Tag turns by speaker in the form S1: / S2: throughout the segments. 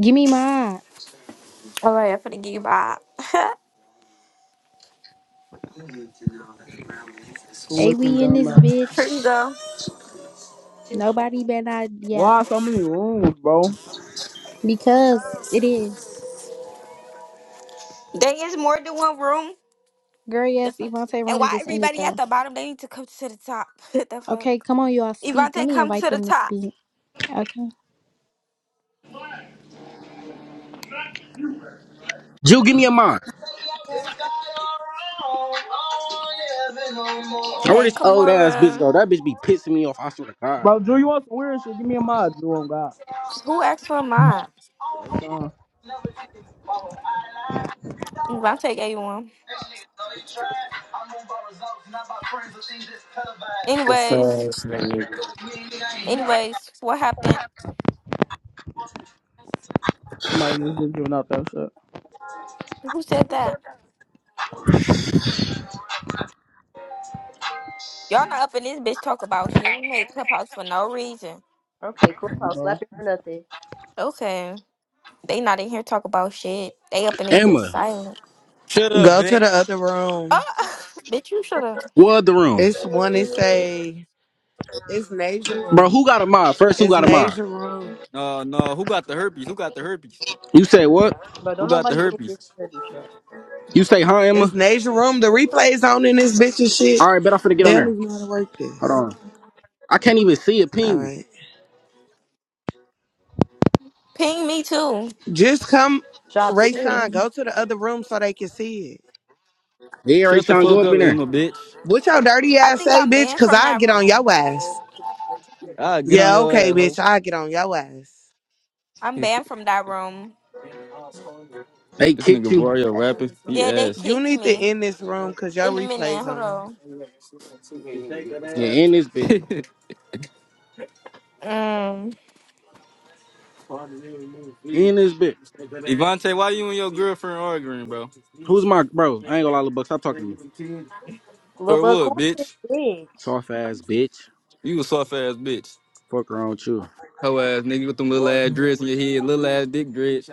S1: Give me my
S2: All right, I'm finna give you back. Here
S1: A
S3: Looking
S1: we in
S3: dumb
S1: this
S3: ass.
S2: you
S1: bitch.
S2: go.
S1: Nobody better not yeah.
S3: Why so many rooms, bro?
S1: Because it is.
S2: There is more than one room.
S1: Girl,
S2: The
S1: yes,
S2: fuck?
S1: Evante
S2: And
S1: Room
S2: why
S1: just ended
S2: everybody at
S1: though.
S2: the bottom? They need to come to the top. What the
S1: Okay,
S2: fuck?
S1: come on, y'all speak. Let
S2: Evante,
S1: me
S2: come
S1: invite
S2: to the
S1: them to
S2: top.
S1: speak. Okay.
S4: Jill, give me a mind. Now where
S2: Okay,
S4: this old ass bitch go?
S2: Kamora.
S4: That bitch be pissing me off. I swear to God.
S3: Bro, Drew, you want some weird shit? Give me a mod, Drew. On God,
S2: Who asked for mine?
S3: like, uh,
S2: Evante gave you one.
S5: What's up,
S2: Anyways,
S5: nigga?
S2: anyways, what happened?
S3: somebody just been giving out that shit,
S2: Who said that? Y'all not up in this bitch talk about shit. We made clubhouse for no reason.
S6: Okay,
S3: um,
S6: Clubhouse
S3: bro.
S6: slapping for nothing.
S2: Okay. They not in here talk about shit. They up in this bitch
S4: Emma,
S2: silent.
S7: Shut up,
S8: Go to the
S7: bitch.
S8: other room.
S2: Oh, bitch, you should have
S4: what the room,
S8: It's one and say it's Nasia
S4: bro?
S8: room.
S4: Who got a mod? First, who
S8: It's
S4: got a mod?
S8: Nasia room.
S7: No, no. Who got the herpes? Who got the herpes?
S4: You say what?
S6: Bro,
S7: Who
S6: don't
S7: got the
S6: nobody in this
S7: herpes?
S6: business, bro.
S4: You say huh,
S8: It's
S4: Emma?
S8: Nasia room. The replay's on in this bitch and shit.
S4: All right, bet I'm finna get
S8: They
S4: on
S8: don't
S4: there.
S8: even know how to work
S4: Hold
S8: this.
S4: on. I can't even see a
S8: All
S4: ping. me.
S8: right.
S2: Ping me too.
S8: Just come,
S6: Shopping.
S8: Ray Sean,
S2: Shit.
S8: go to the other room so they can see it.
S4: They already
S7: Shut the
S4: trying to go
S7: fuck
S3: Uh,
S4: up
S7: up,
S4: in there.
S7: Emma, bitch.
S8: What your dirty
S2: I
S8: ass
S2: think
S8: say,
S2: I'm
S8: bitch?
S2: banned
S8: Cause
S2: from
S8: I
S2: that
S8: get on
S2: room.
S8: your ass.
S7: I get on
S8: Yeah,
S7: your
S8: okay,
S7: ass,
S8: bitch.
S7: hoe.
S8: I get on your ass.
S2: I'm
S7: this
S2: banned from that room.
S4: They kicked
S7: nigga
S4: you.
S7: Vario rapping. He
S2: Yeah, they
S7: ass.
S8: You
S2: kicked
S8: need to
S2: me.
S8: end this room cause your
S2: In a minute,
S8: replay's
S2: hold
S8: on.
S2: on.
S4: Yeah, in this bit.
S2: Um,
S4: In this bit.
S7: Ivante, why you and your girlfriend arguing, bro?
S4: Who's my bro? I ain't gonna lie, little buck. Stop talking to me.
S6: Lil
S7: Or
S6: Bud
S7: what,
S6: Cool is
S7: bitch?
S6: his
S4: Soft ass bitch.
S7: You a soft ass bitch.
S4: Fuck around with you,
S7: hoe ass nigga with them little ass dreads in your head, little ass dick dreads.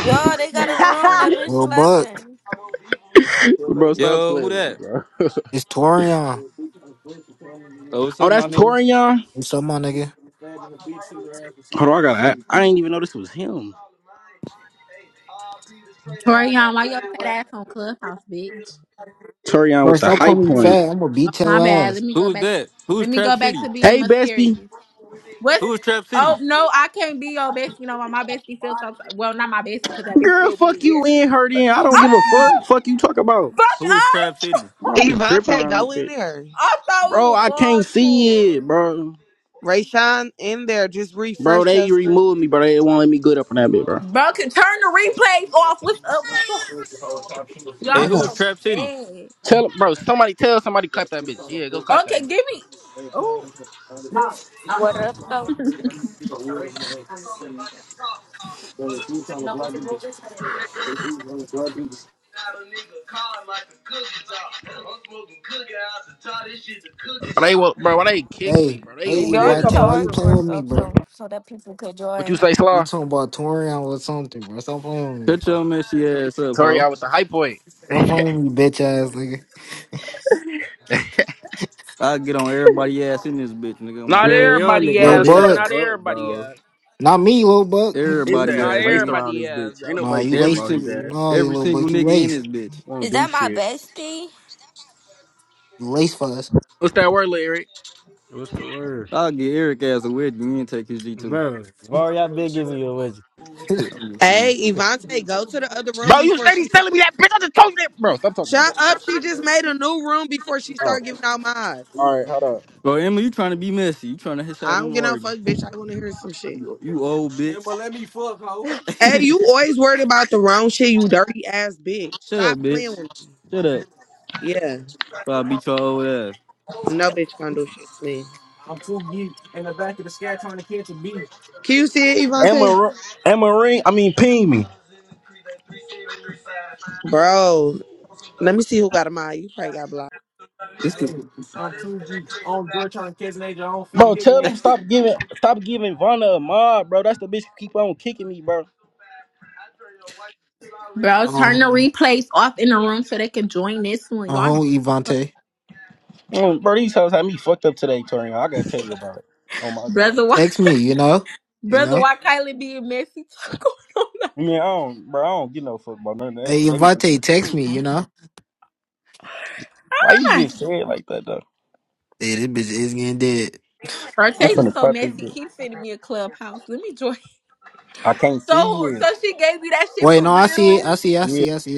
S2: yo, they got a
S6: bitch.
S2: room that been
S9: Real Buck.
S2: slapping.
S4: bro. Stop
S7: Yo, who
S4: playing, with me,
S7: that?
S4: bro.
S9: It's Torian.
S7: Oh, what's
S4: Oh,
S7: up,
S4: that's
S7: my nigga?
S4: Torian.
S9: What's up, my nigga?
S4: Hold on, I gotta. I, I didn't even know this was him.
S10: Torian, why your fat ass on Clubhouse, bitch?
S4: Torian
S9: Bro,
S4: with the
S9: stop
S4: high
S9: calling me
S4: point.
S9: fat. I'm gonna
S10: Oh,
S9: beat
S10: my
S9: your
S10: bad. Let
S9: ass.
S10: me go
S7: Who's
S10: back.
S7: that? Who's
S10: Let me
S7: Trap
S10: go back
S7: City?
S10: to being
S4: Hey, bestie,
S10: mysterious. What's?
S7: Who is Trap City?
S10: Oh no, I can't be your bestie. You know why my bestie feels so? Well, not my bestie because that bitch
S4: girl,
S10: still
S4: fuck
S10: being weird.
S4: you in her then. I don't give a fuck.
S10: Oh,
S4: Fuck you talk about.
S10: fuck
S7: Who is Trap
S10: us!
S7: City?
S4: Bro, I be tripping
S8: Evante,
S4: around this
S8: go in
S4: bitch,
S8: there.
S10: I thought we
S4: bro.
S10: was
S4: I
S10: all
S4: can't see it,
S10: cool.
S4: bro.
S8: Ray Sean in there. Just
S4: Bro,
S8: refresh your
S4: they
S8: screen.
S4: removed me, bro. They won't let me good up on that bitch, bro.
S10: Bro, can turn the replays off. What's up with y'all? Y'all
S7: Hey,
S8: I got
S7: who is
S10: so
S7: Trap City?
S10: bad.
S4: Tell bro, somebody tell somebody clap that bitch. Yeah, go clap that
S10: Okay,
S4: bitch.
S10: give me. Oh,
S2: What up?
S4: Bro, they will, bro. Why they kick me,
S9: Hey,
S4: bro? They
S9: hey,
S3: they
S2: Y'all
S3: said
S2: need
S4: weird.
S3: come
S2: to
S9: Evante, why you
S3: over,
S2: argue
S9: playing
S3: bro.
S2: or
S9: with me,
S2: stuff
S9: bro?
S2: so so that people could
S4: What you
S2: join.
S4: say,
S9: You
S4: Slaw?
S9: talking about Torian or something, bro? Stop playing with me,
S7: Shut
S9: bro.
S7: your messy ass up,
S4: Sorry, I
S7: ho.
S4: with the high point.
S9: Stop playing with me, bitch ass nigga.
S7: I get on everybody ass in this bitch, nigga. On my
S3: Not
S11: Man,
S7: baby,
S11: y'all
S7: nigga.
S3: everybody
S11: niggas
S9: Lil
S4: Bro,
S3: has
S4: shut
S3: though.
S11: bitches.
S3: Not
S9: Buck.
S4: up,
S3: everybody
S4: bro.
S3: has.
S9: Not me, Lil Buck. You
S4: His
S7: everybody
S9: tweaking.
S4: ass
S3: Not
S7: ass,
S4: laced
S7: nigga.
S4: around
S3: everybody
S4: this
S3: has
S4: bitch. Ain't
S3: though.
S9: Nah,
S4: nobody
S9: you
S4: thinking
S7: Every
S4: about
S9: laced.
S4: his
S7: single,
S4: ass.
S9: Nah, you
S7: every
S9: little
S12: like
S7: single
S9: Buck, you
S7: nigga in
S9: laced.
S7: this bitch.
S4: Won't
S2: Is
S4: do
S2: that my
S4: shit.
S2: bestie?
S9: You laced for us.
S4: What's that word, Larry?
S11: What's the word?
S7: I'll get Eric ass a You and take his G two.
S11: Bro, why y'all been giving you a wedgie?
S7: Shit, I'm just saying.
S8: Hey, Ivante, go to the other room
S4: Bro, you
S8: before
S4: said
S8: she
S4: he's
S8: start.
S4: telling me that bitch. I just told you that. Bro, stop talking to me.
S8: Shut up. She just made a new room before she
S4: Oh,
S8: start giving out mods.
S4: all right, hold up.
S7: Bro, Emma, you trying to be messy? You trying to hit at
S8: I don't
S7: them
S8: get no
S7: Vardy?
S8: fuck, bitch. I want to hear some shit.
S7: You you old bitch.
S8: Hey, you always worried about the wrong shit, you dirty ass bitch.
S7: Shut up,
S8: Stop playing
S7: bitch.
S8: with me.
S7: Shut up.
S8: Yeah.
S7: Try to beat your old ass.
S8: No bitch gonna do shit to me. Can you see it, Ivante?
S4: Amarin, Amarin, I mean, ping me.
S8: Bro, let me see who got a mod. You probably got blocked.
S7: This is
S4: Bro, tell him stop giving, stop giving Vonna a mod, bro. That's the bitch who keep on kicking me, bro.
S10: bro, turn
S9: Oh,
S10: the replays off in the room so they can join this one.
S9: uh huh,
S10: Y'all,
S9: Evante.
S4: Mm, Bro, these hoes had me fucked up today, Torian. I gotta tell you about it. Oh my god.
S10: brother, why?
S9: Text me, you know? You
S10: Brother,
S9: know?
S10: why Kylie being messy? What's going on?
S4: I mean, I don't, bro. I don't get no fuck about none of that
S9: Hey,
S4: shit. They need to-
S9: Evante, text me, you know?
S4: Why you
S10: Nice.
S4: just say it like that, though?
S9: Hey, this bitch is getting dead.
S4: I'm
S10: Artasia
S4: finna
S10: so
S4: pop this
S10: messy.
S4: bitch.
S10: Keep sending me a clubhouse. Let me join.
S4: I can't see
S10: So,
S4: you.
S10: so she gave you that shit
S9: Wait,
S10: for
S9: no, I see it.
S10: real?
S9: I see. I
S4: You
S9: see. I see.